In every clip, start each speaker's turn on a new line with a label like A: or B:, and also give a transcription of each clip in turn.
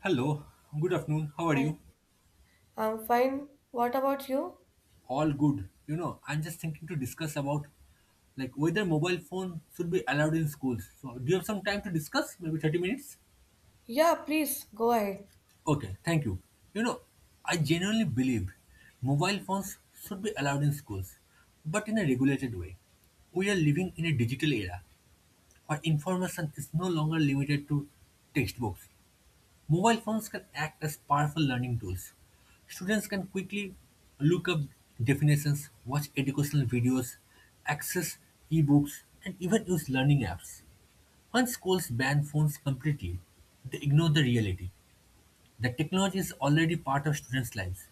A: Hello, good afternoon. How are
B: Hi,
A: you?
B: I'm fine. What about you?
A: All good. You know, I'm just thinking to discuss about like whether mobile phone should be allowed in schools. So, do you have some time to discuss? Maybe 30 minutes?
B: Yeah, please go ahead.
A: Okay, thank you. You know, I genuinely believe mobile phones should be allowed in schools, but in a regulated way. We are living in a digital era where information is no longer limited to textbooks. Mobile phones can act as powerful learning tools. Students can quickly look up definitions, watch educational videos, access ebooks, and even use learning apps. When schools ban phones completely, they ignore the reality that technology is already part of students' lives.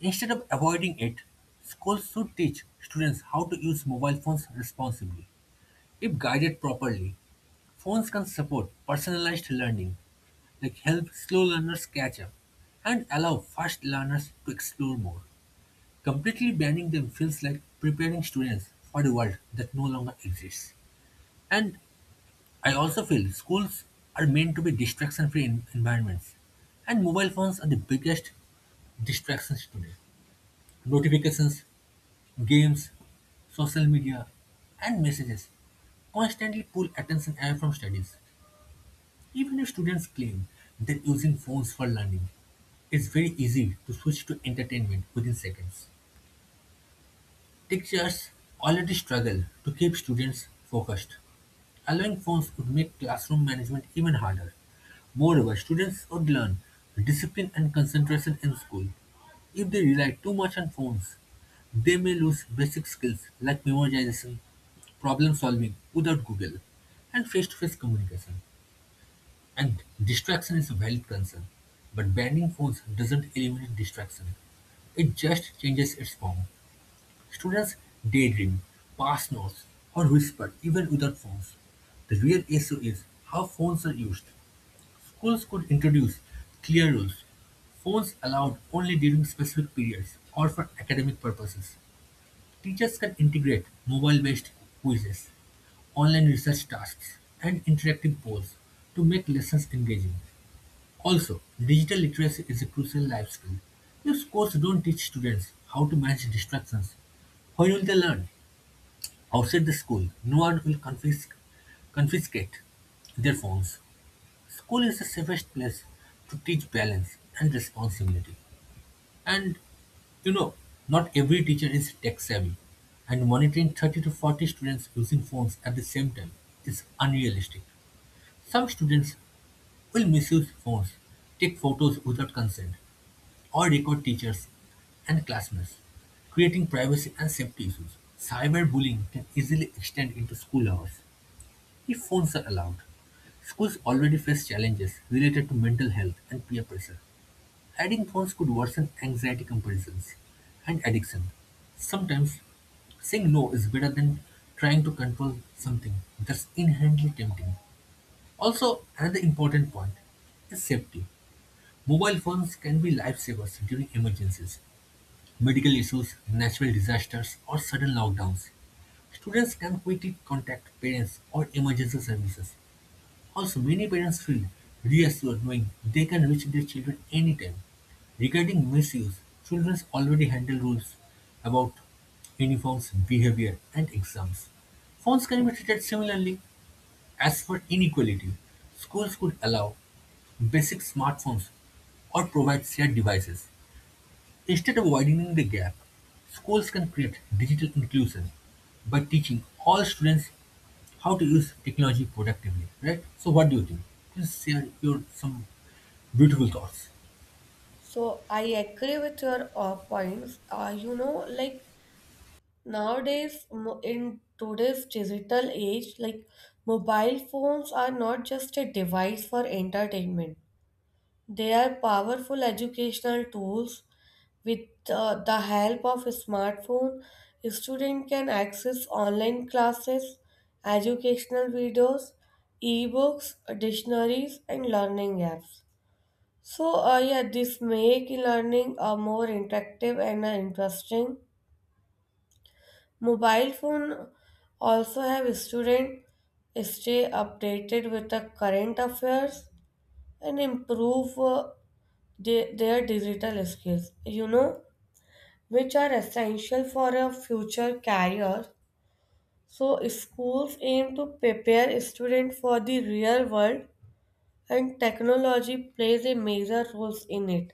A: Instead of avoiding it, schools should teach students how to use mobile phones responsibly. If guided properly, phones can support personalized learning, like help slow learners catch up and allow fast learners to explore more. Completely banning them feels like preparing students for a world that no longer exists. And I also feel schools are meant to be distraction free environments, and mobile phones are the biggest distractions today. Notifications, games, social media, and messages constantly pull attention away from studies. Even if students claim that using phones for learning, it's very easy to switch to entertainment within seconds. Teachers already struggle to keep students focused. Allowing phones would make classroom management even harder. Moreover, students would learn discipline and concentration in school. If they rely too much on phones, they may lose basic skills like memorization, problem solving without Google, and face to face communication. And distraction is a valid concern, but banning foods doesn't eliminate distraction. It just changes its form. Students daydream, pass notes, or whisper even without phones. The real issue is how phones are used. Schools could introduce clear rules. Phones allowed only during specific periods or for academic purposes. Teachers can integrate mobile-based quizzes, online research tasks, and interactive polls to make lessons engaging. Also, digital literacy is a crucial life skill. If schools don't teach students how to manage distractions, where will they learn? Outside the school, no one will confiscate their phones. School is the safest place to teach balance and responsibility. And you know, not every teacher is tech savvy, and monitoring 30 to 40 students using phones at the same time is unrealistic. Some students will misuse phones, take photos without consent, or record teachers and classmates, creating privacy and safety issues. Cyberbullying can easily extend into school hours if phones are allowed. Schools already face challenges related to mental health and peer pressure. Adding phones could worsen anxiety comparisons and addiction. Sometimes saying no is better than trying to control something that's inherently tempting. Also, another important point is safety. Mobile phones can be lifesavers during emergencies, medical issues, natural disasters, or sudden lockdowns. Students can quickly contact parents or emergency services. Also, many parents feel reassured knowing they can reach their children anytime. Regarding misuse, children already handle rules about uniforms, behavior, and exams. Phones can be treated similarly. As for inequality, schools could allow basic smartphones or provide shared devices. Instead of widening the gap, schools can create digital inclusion by teaching all students how to use technology productively, right? So what do you think? Please share your some beautiful thoughts.
B: So I agree with your points. Like nowadays in today's digital age, mobile phones are not just a device for entertainment. They are powerful educational tools. With the help of a smartphone, a student can access online classes, educational videos, ebooks, dictionaries, and learning apps. So, yeah, this make learning more interactive and interesting. Mobile phone also have student stay updated with the current affairs and improve their digital skills, you know, which are essential for a future career. So, schools aim to prepare students for the real world, and technology plays a major role in it.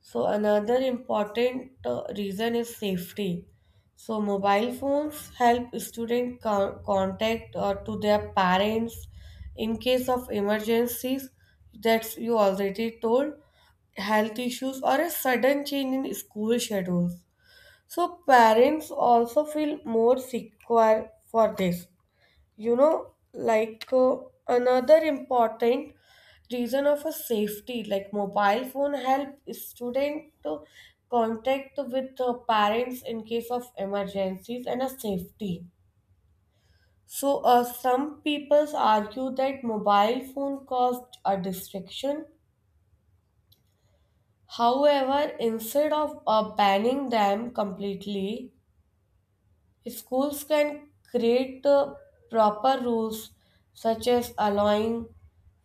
B: So, another important reason is safety. So, mobile phones help students contact to their parents in case of emergencies. That's you already told health issues or a sudden change in school schedules. So parents also feel more secure for this. You know, another important reason of a safety, like mobile phone help student to contact with parents in case of emergencies and a safety. So some people argue that mobile phone caused a distraction. However, instead of banning them completely, if schools can create proper rules such as allowing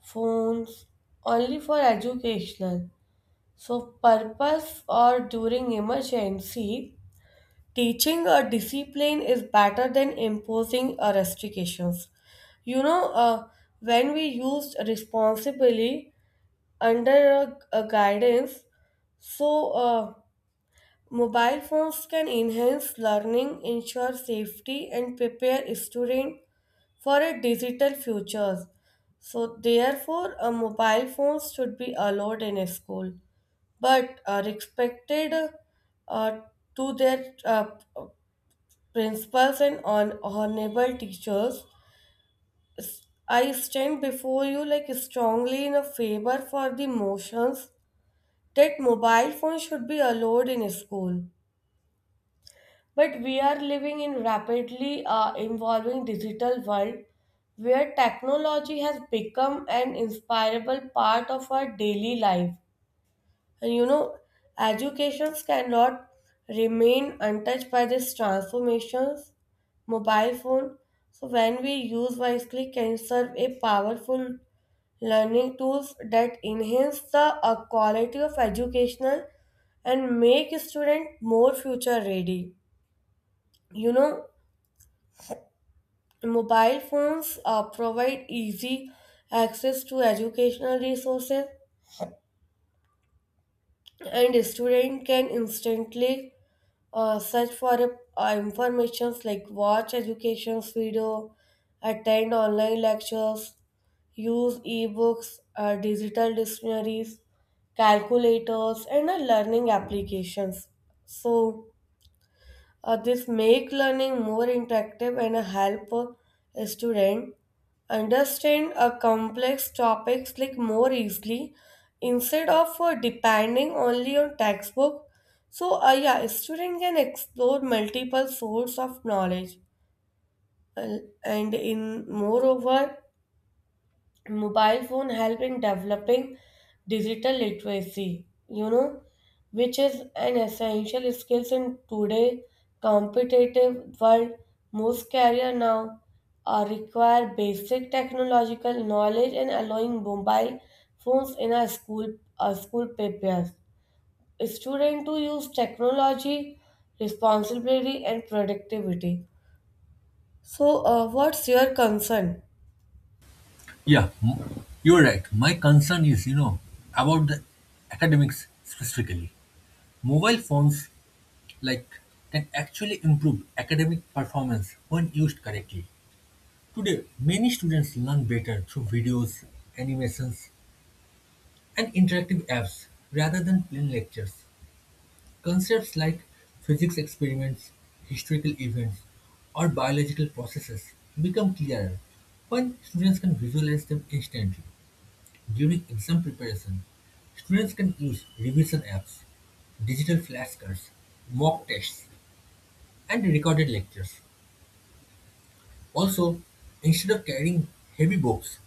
B: phones only for educational so purpose or during emergency, teaching a discipline is better than imposing a restrictions, you know uh, when we use responsibly under a guidance. So mobile phones can enhance learning, ensure safety, and prepare students for a digital future. So, therefore, mobile phones should be allowed in a school, but are expected uh, to their principals and on honorable teachers. I stand before you like strongly in a favor for the motions that mobile phones should be allowed in school. But we are living in rapidly evolving digital world where technology has become an inseparable part of our daily life. And you know, educations cannot remain untouched by these transformations. Mobile phone, so when we use wisely, can serve a powerful learning tools that enhance the quality of educational and make student more future ready. You know, mobile phones provide easy access to educational resources, and a student can instantly search for information, like watch education video, attend online lectures, use ebooks, digital dictionaries, calculators, and learning applications. So, this make learning more interactive and help a student understand a complex topics like more easily instead of depending only on textbook. So yeah, a student can explore multiple source of knowledge. Uh, and in moreover, mobile phone help in developing digital literacy, you know, which is an essential skill in today competitive world. Most career now require basic technological knowledge, and allowing mobile phones in a school, a school papers student to use technology responsibility and productivity. So what's your concern?
A: Yeah, you're right. My concern is, you know, about the academics specifically. Mobile phones like can actually improve academic performance when used correctly. Today, many students learn better through videos, animations, and interactive apps rather than plain lectures. Concepts like physics experiments, historical events, or biological processes become clearer when students can visualize them instantly. During exam preparation, students can use revision apps, digital flashcards, mock tests, and recorded lectures. Also, instead of carrying heavy books,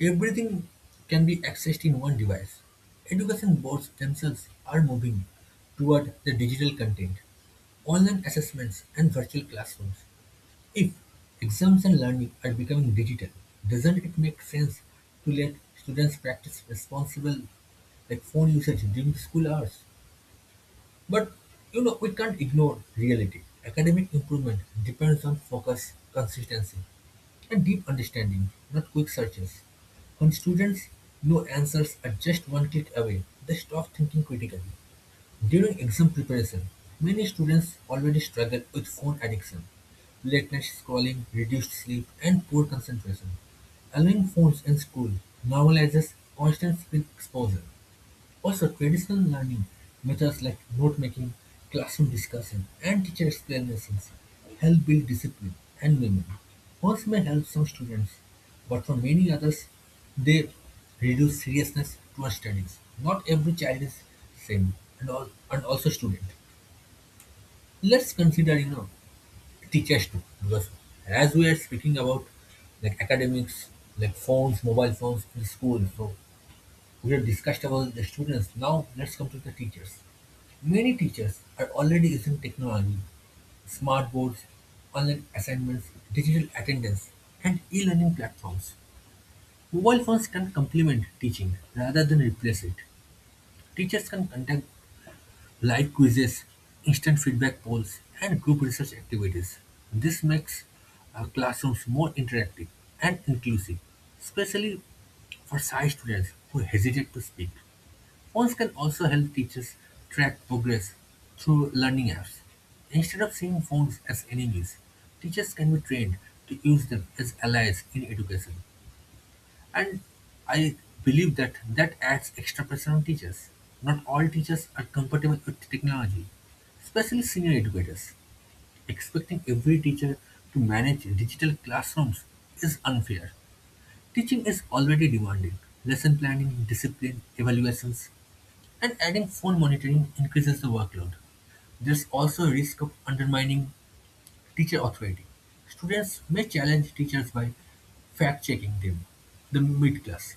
A: everything can be accessed in one device. Education boards themselves are moving toward the digital content, online assessments, and virtual classrooms. If exams and learning are becoming digital, doesn't it make sense to let students practice responsible like phone usage during school hours? But you know, we can't ignore reality. Academic improvement depends on focus, consistency, and deep understanding, not quick searches. When students know answers are just one click away, they stop thinking critically. During exam preparation, many students already struggle with phone addiction, late night scrolling, reduced sleep, and poor concentration. Allowing phones in school normalizes constant screen exposure. Also, traditional learning methods like note-making, classroom discussion, and teacher explanations help build discipline and memory. Words may help some students, but for many others, they reduce seriousness towards studies. Not every child is same, and also student. Let's consider, you know, teachers too, because as we are speaking about like academics, like phones, mobile phones in school, so we have discussed about the students, now let's come to the teachers. Many teachers are already using technology, smart boards, online assignments, digital attendance, and e learning platforms. Mobile phones can complement teaching rather than replace it. Teachers can conduct live quizzes, instant feedback polls, and group research activities. This makes classrooms more interactive and inclusive, especially for shy students who hesitate to speak. Phones can also help teachers track progress through learning apps. Instead of seeing phones as enemies, teachers can be trained to use them as allies in education. And I believe that adds extra pressure on teachers. Not all teachers are comfortable with technology, especially senior educators. Expecting every teacher to manage digital classrooms is unfair. Teaching is already demanding. Lesson planning, discipline, evaluations, and adding phone monitoring increases the workload. There's also a risk of undermining teacher authority. Students may challenge teachers by fact checking them, the mid class.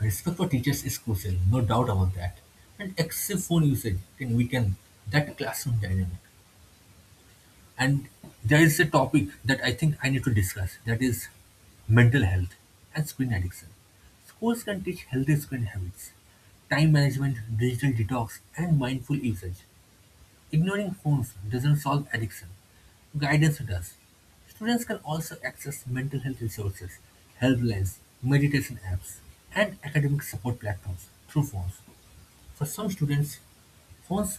A: Respect for teachers is crucial, no doubt about that. And excessive phone usage can weaken that classroom dynamic. And there is a topic that I think I need to discuss that is mental health and screen addiction. Schools can teach healthy screen habits, time management, digital detox, and mindful usage. Ignoring phones doesn't solve addiction, guidance does. Students can also access mental health resources, helplines, meditation apps, and academic support platforms through phones. For some students, phones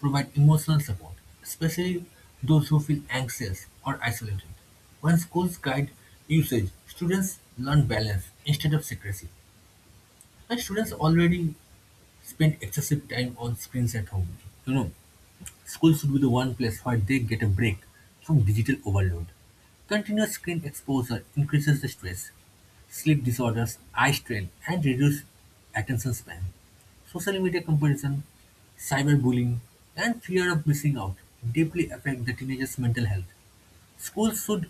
A: provide emotional support, especially those who feel anxious or isolated. When schools guide usage, students learn balance instead of secrecy. And students already spend excessive time on screens at home. You know, school should be the one place where they get a break from digital overload. Continuous screen exposure increases the stress, sleep disorders, eye strain, and reduced attention span. Social media comparison, cyberbullying, and fear of missing out deeply affect the teenager's mental health. Schools should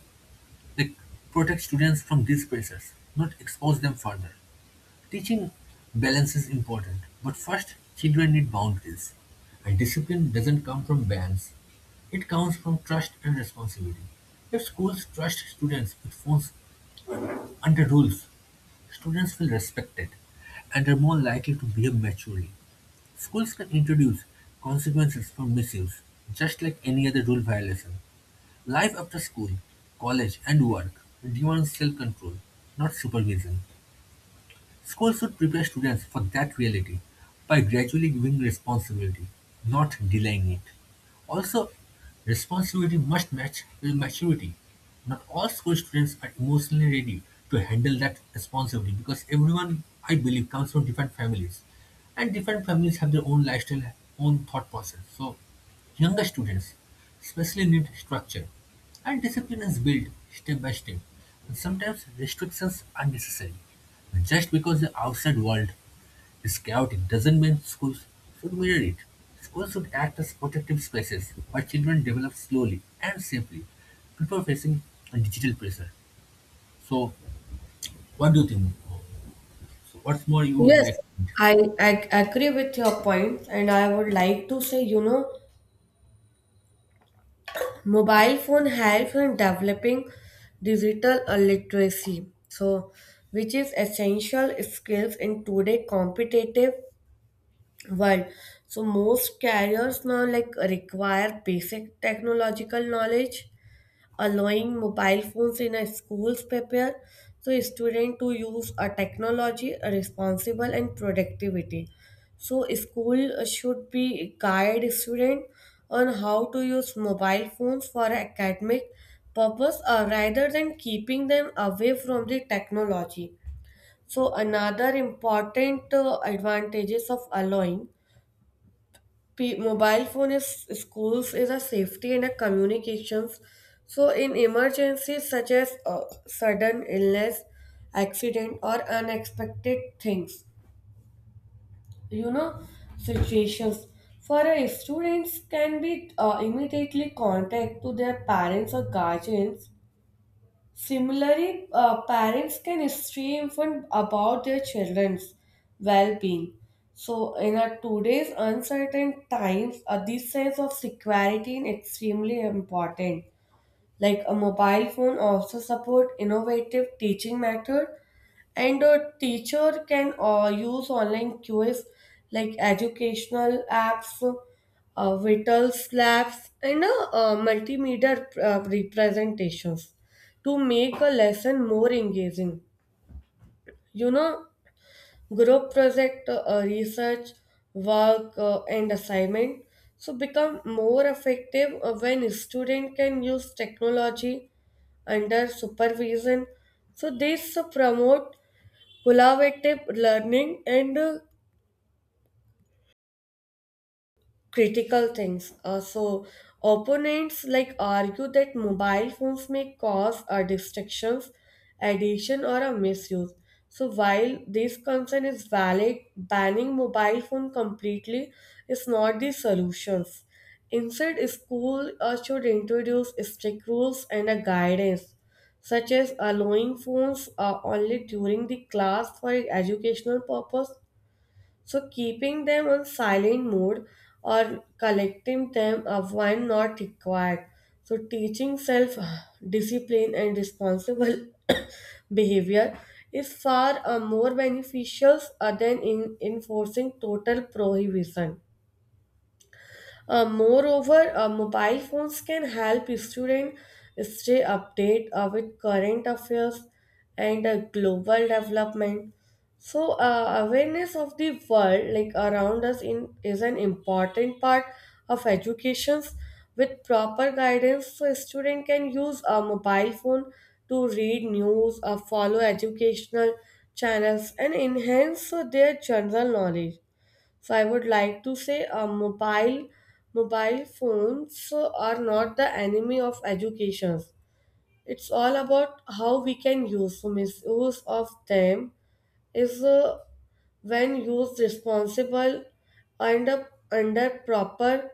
A: like, protect students from these pressures, not expose them further. Teaching balance is important, but first, children need boundaries. And discipline doesn't come from bans, it comes from trust and responsibility. If schools trust students with phones under rules, students feel respected and are more likely to behave maturely. Schools can introduce consequences for misuse, just like any other rule violation. Life after school, college, and work demands self control, not supervision. Schools should prepare students for that reality by gradually giving responsibility, not delaying it. Also, responsibility must match with maturity. Not all school students are emotionally ready to handle that responsibility because everyone, I believe, comes from different families. And different families have their own lifestyle, own thought process. So younger students especially need structure, and discipline is built step by step, and sometimes restrictions are necessary. Just because the outside world is chaotic doesn't mean schools should mirror it. Schools should act as protective spaces where children develop slowly and safely before facing a digital pressure. So, what do you think? So what's more you would
B: Yes,
A: like?
B: I agree with your point, and I would like to say, you know, mobile phone helps in developing digital literacy, so which is essential skills in today competitive world. So most carriers now like require basic technological knowledge, allowing mobile phones in a schools prepare so student to use a technology responsible and productivity. So school should be guide student on how to use mobile phones for academic purpose, rather than keeping them away from the technology. So another important advantages of allowing mobile phone is schools is a safety and a communications. So in emergencies such as sudden illness, accident, or unexpected things, you know, situations, for a students can be immediately contact to their parents or guardians. Similarly, parents can instruct infant about their children's well-being. So, in our today's uncertain times, this sense of security is extremely important. Like a mobile phone also support innovative teaching method, and a teacher can use online quiz like educational apps, vitals labs, and multimedia representations to make a lesson more engaging. You know, group project, research, work, and assignment. So become more effective when student can use technology under supervision. So this promote collaborative learning and critical things. So opponents like argue that mobile phones may cause distractions, addiction, or a misuse. So while this concern is valid, banning mobile phone completely is not the solutions. Instead, school should introduce strict rules and a guidance, such as allowing phones only during the class for educational purpose, so keeping them on silent mode or collecting them up when not required. So teaching self discipline and responsible behavior is far more beneficial than in enforcing total prohibition. Moreover, mobile phones can help students stay updated with current affairs and global development. So, awareness of the world like around us in is an important part of educations. With proper guidance, so a student can use a mobile phone to read news, follow educational channels, and enhance their general knowledge. So I would like to say mobile phones are not the enemy of education. It's all about how we can use. So misuse of them is when used responsible under proper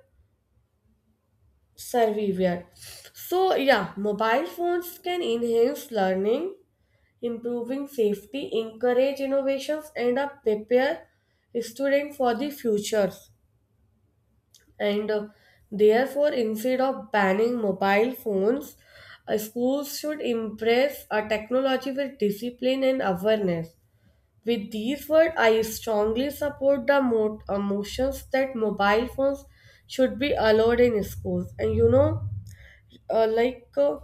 B: surveillance. So yeah, mobile phones can enhance learning, improving safety, encourage innovations, and prepare students for the future. And therefore, instead of banning mobile phones, schools should embrace a technology with discipline and awareness. With these words, I strongly support the motions that mobile phones should be allowed in schools. And you know, like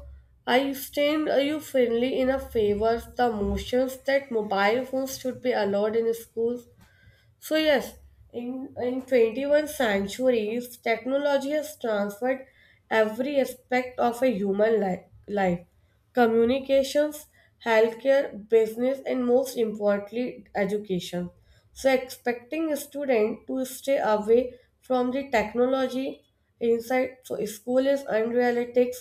B: I stand you firmly in a favor the motions that mobile phones should be allowed in schools. So yes, in 21st centuries, technology has transferred every aspect of a human life, communications, healthcare, business, and most importantly, education. So expecting a student to stay away from the technology inside so school is unrealistic.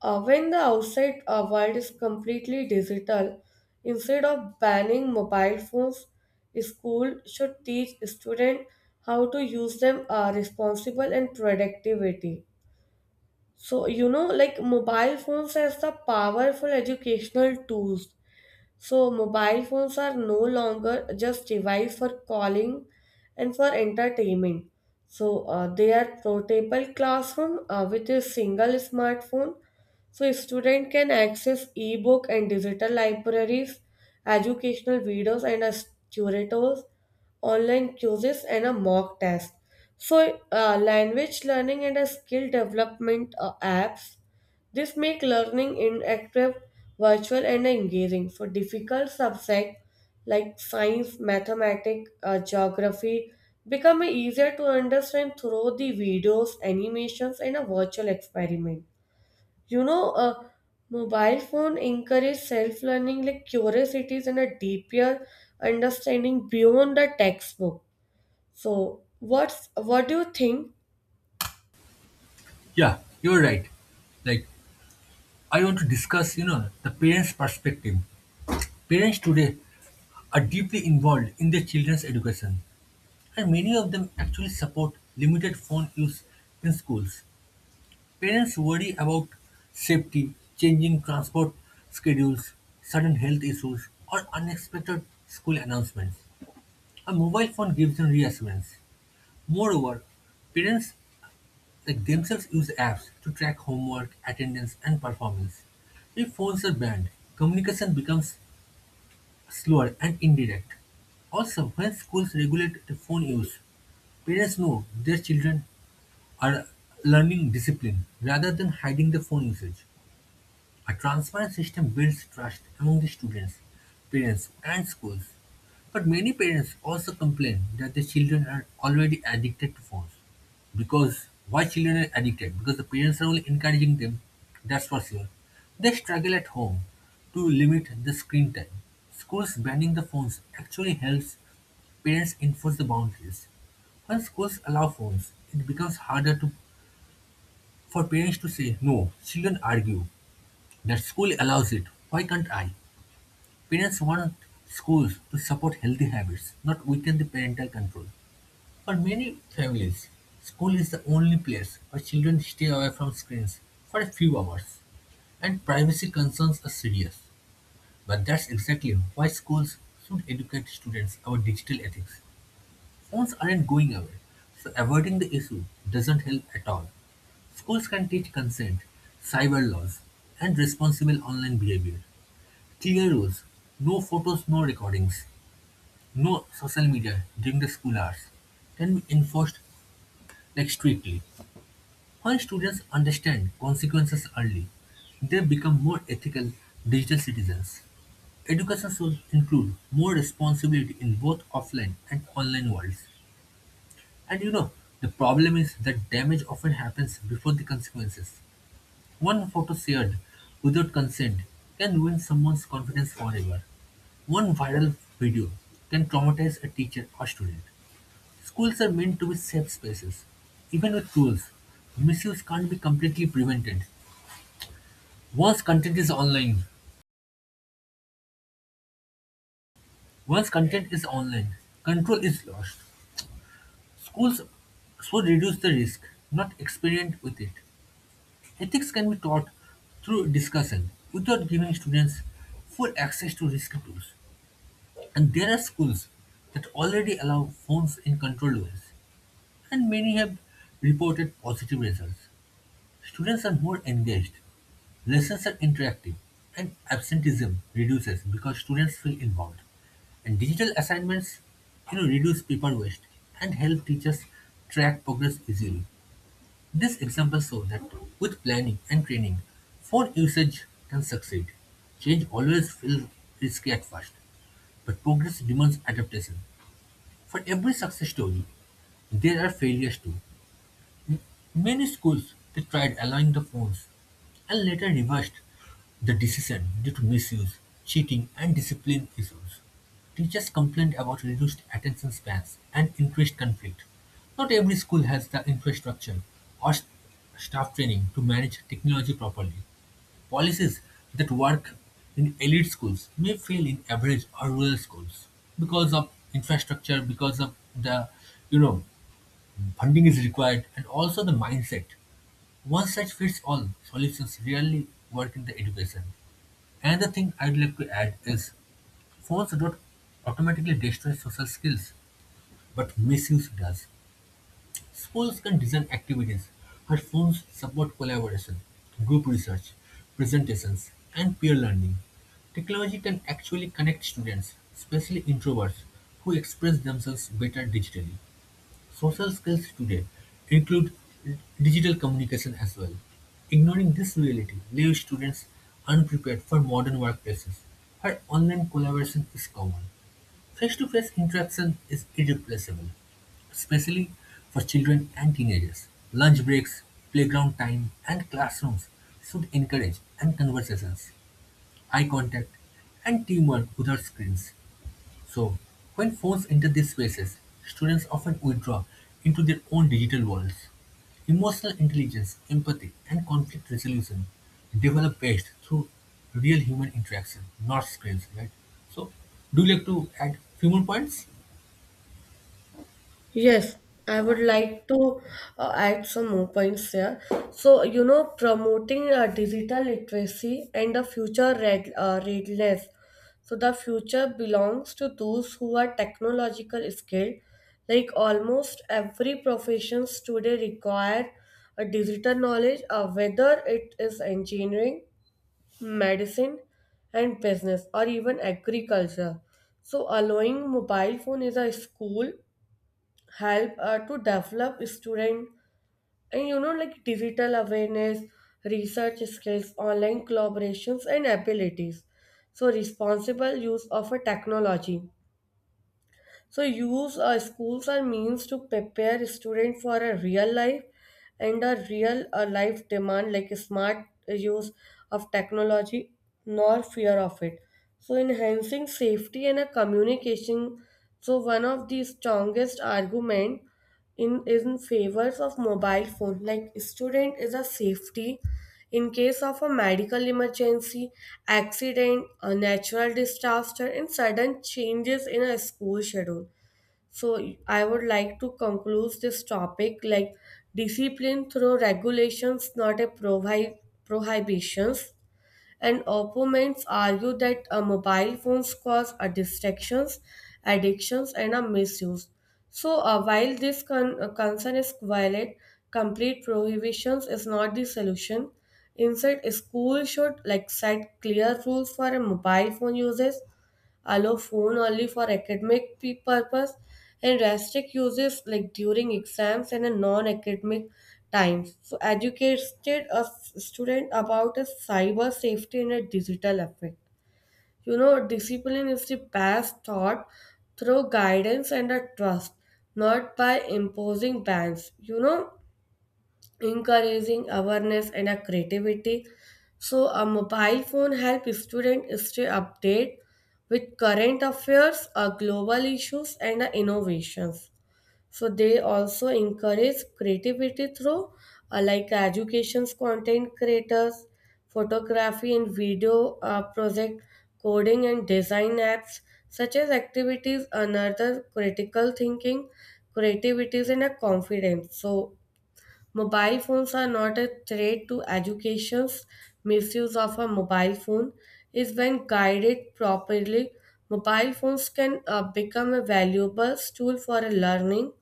B: When the outside world is completely digital, instead of banning mobile phones, school should teach students how to use them responsible and productivity. So you know, like mobile phones as the powerful educational tools. So, mobile phones are no longer just device for calling and for entertainment. So, they are portable classroom with a single smartphone. So, a student can access ebook and digital libraries, educational videos and tutors, online quizzes and a mock test. So, language learning and a skill development apps, this makes learning interactive, virtual, and engaging. For difficult subjects like science, mathematics, or geography, become easier to understand through the videos, animations, and a virtual experiment. You know, a mobile phone encourage self-learning like curiosities and a deeper understanding beyond the textbook. So, what do you think?
A: Yeah, you're right. Like I want to discuss, you know, the parents' perspective. Parents today are deeply involved in their children's education, and many of them actually support limited phone use in schools. Parents worry about safety, changing transport schedules, sudden health issues, or unexpected school announcements. A mobile phone gives them reassurance. Moreover, parents like themselves use apps to track homework, attendance, and performance. If phones are banned, communication becomes slower and indirect. Also, when schools regulate the phone use, parents know their children are learning discipline rather than hiding the phone usage. A transparent system builds trust among the students, parents, and schools. But many parents also complain that their children are already addicted to phones. Because why children are addicted? Because the parents are only encouraging them, that's for sure. They struggle at home to limit the screen time. Schools banning the phones actually helps parents enforce the boundaries. When schools allow phones, it becomes harder for parents to say no, children argue. That school allows it, why can't I? Parents want schools to support healthy habits, not weaken the parental control. For many families, school is the only place where children stay away from screens for a few hours, and privacy concerns are serious. But that's exactly why schools should educate students about digital ethics. Phones aren't going away, so avoiding the issue doesn't help at all. Schools can teach consent, cyber laws, and responsible online behavior. Clear rules: no photos, no recordings, no social media during the school hours can be enforced like strictly. When students understand consequences early, they become more ethical digital citizens. Education should include more responsibility in both offline and online worlds. And you know, the problem is that damage often happens before the consequences. One photo shared without consent can ruin someone's confidence forever. One viral video can traumatize a teacher or student. Schools are meant to be safe spaces. Even with rules, misuse can't be completely prevented. Once content is online, once content is online, control is lost. Schools should reduce the risk, not experiment with it. Ethics can be taught through discussion without giving students full access to risky tools. And there are schools that already allow phones in controlled ways, and many have reported positive results. Students are more engaged, lessons are interactive, and absenteeism reduces because students feel involved. And digital assignments, reduce paper waste and help teachers track progress easily. This example shows that with planning and training, phone usage can succeed. Change always feels risky at first, but progress demands adaptation. For every success story, there are failures too. Many schools they tried allowing the phones and later reversed the decision due to misuse, cheating, and discipline issues. Teachers complained about reduced attention spans and increased conflict. Not every school has the infrastructure or staff training to manage technology properly. Policies that work in elite schools may fail in average or rural schools because of infrastructure, because of the, you know funding is required, and also the mindset. One-size-fits-all solutions rarely work in the education. Another thing I'd like to add is phones don't automatically destroy social skills, but misuse does. Schools can design activities where phones support collaboration, group research, presentations, and peer learning. Technology can actually connect students, especially introverts, who express themselves better digitally. Social skills today include digital communication as well. Ignoring this reality leaves students unprepared for modern workplaces, where online collaboration is common. Face to face interaction is irreplaceable, especially for children and teenagers. Lunch breaks, playground time, and classrooms should encourage and conversations, eye contact, and teamwork without screens. So, when phones enter these spaces, students often withdraw into their own digital worlds. Emotional intelligence, empathy, and conflict resolution develop best through real human interaction, not screens, right? So, do you like to add few more points?
B: Yes, I would like to add some more points here. So, you know, promoting digital literacy and the future readiness. So, the future belongs to those who are technological skilled. Like almost every professions today require a digital knowledge, whether it is engineering, medicine, and business, or even agriculture. So, allowing mobile phone is a school help to develop student, and you know, like digital awareness, research skills, online collaborations and abilities, so responsible use of a technology. So use schools are means to prepare student for a real life, and a real life demand like smart use of technology, nor fear of it. So enhancing safety and a communication. So one of the strongest argument in favors of mobile phone like student is a safety, in case of a medical emergency, accident, a natural disaster, and sudden changes in a school schedule. So I would like to conclude this topic like discipline through regulations, not a prohibitions. And opponents argue that mobile phones cause a distractions, addictions, and a misuse. So, while this concern is valid, complete prohibitions is not the solution. Instead, schools should like set clear rules for a mobile phone uses, allow phone only for academic purpose and restrict uses like during exams and in non-academic times. So educated a student about a cyber safety and a digital effect, you know, discipline is the best taught through guidance and a trust, not by imposing bans, you know, encouraging awareness and a creativity. So a mobile phone helps students stay updated with current affairs, global issues, and innovations. So they also encourage creativity through like education's content creators, photography and video project, coding and design apps. Such as activities another critical thinking, creativities and a confidence. So mobile phones are not a threat to educations. Misuse of a mobile phone is when guided properly. Mobile phones can become a valuable tool for a learning,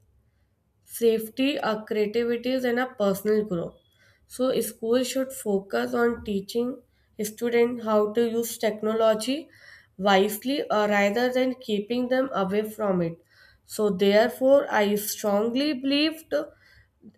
B: safety, creativity, and a personal growth. So, schools should focus on teaching students how to use technology wisely, rather than keeping them away from it. So, therefore, I strongly believed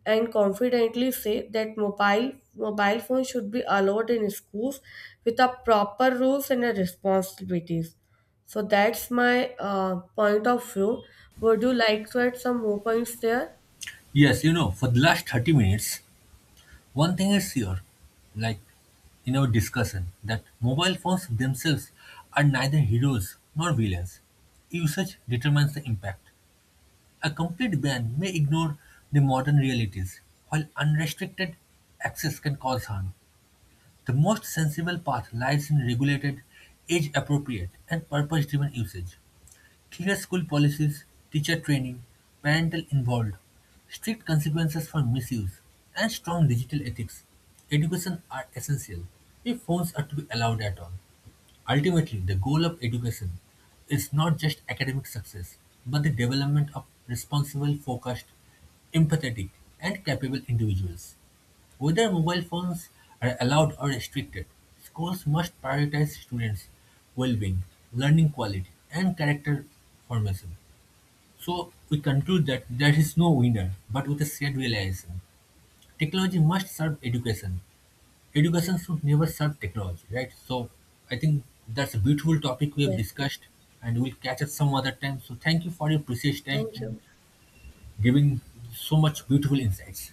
B: and confidently say that mobile phones should be allowed in schools with a proper rules and a responsibilities. So that's my point of view. Would you like to add some more points there?
A: Yes, you know, for the last 30 minutes, one thing is sure, like in our discussion, that mobile phones themselves are neither heroes nor villains. Usage determines the impact. A complete ban may ignore the modern realities, while unrestricted access can cause harm. The most sensible path lies in regulated, age-appropriate, and purpose-driven usage. Clear school policies, teacher training, parental involved, strict consequences for misuse, and strong digital ethics. Education are essential if phones are to be allowed at all. Ultimately, the goal of education is not just academic success, but the development of responsible, focused, empathetic, and capable individuals. Whether mobile phones are allowed or restricted, schools must prioritize students' well being, learning quality, and character formation. So, we conclude that there is no winner, but with a shared realization. Technology must serve education. Education should never serve technology, right? So, I think that's a beautiful topic we have
B: Yes,
A: discussed, and we'll catch up some other time. So, thank you for your precious time
B: thank
A: and
B: you.
A: giving so much beautiful insights.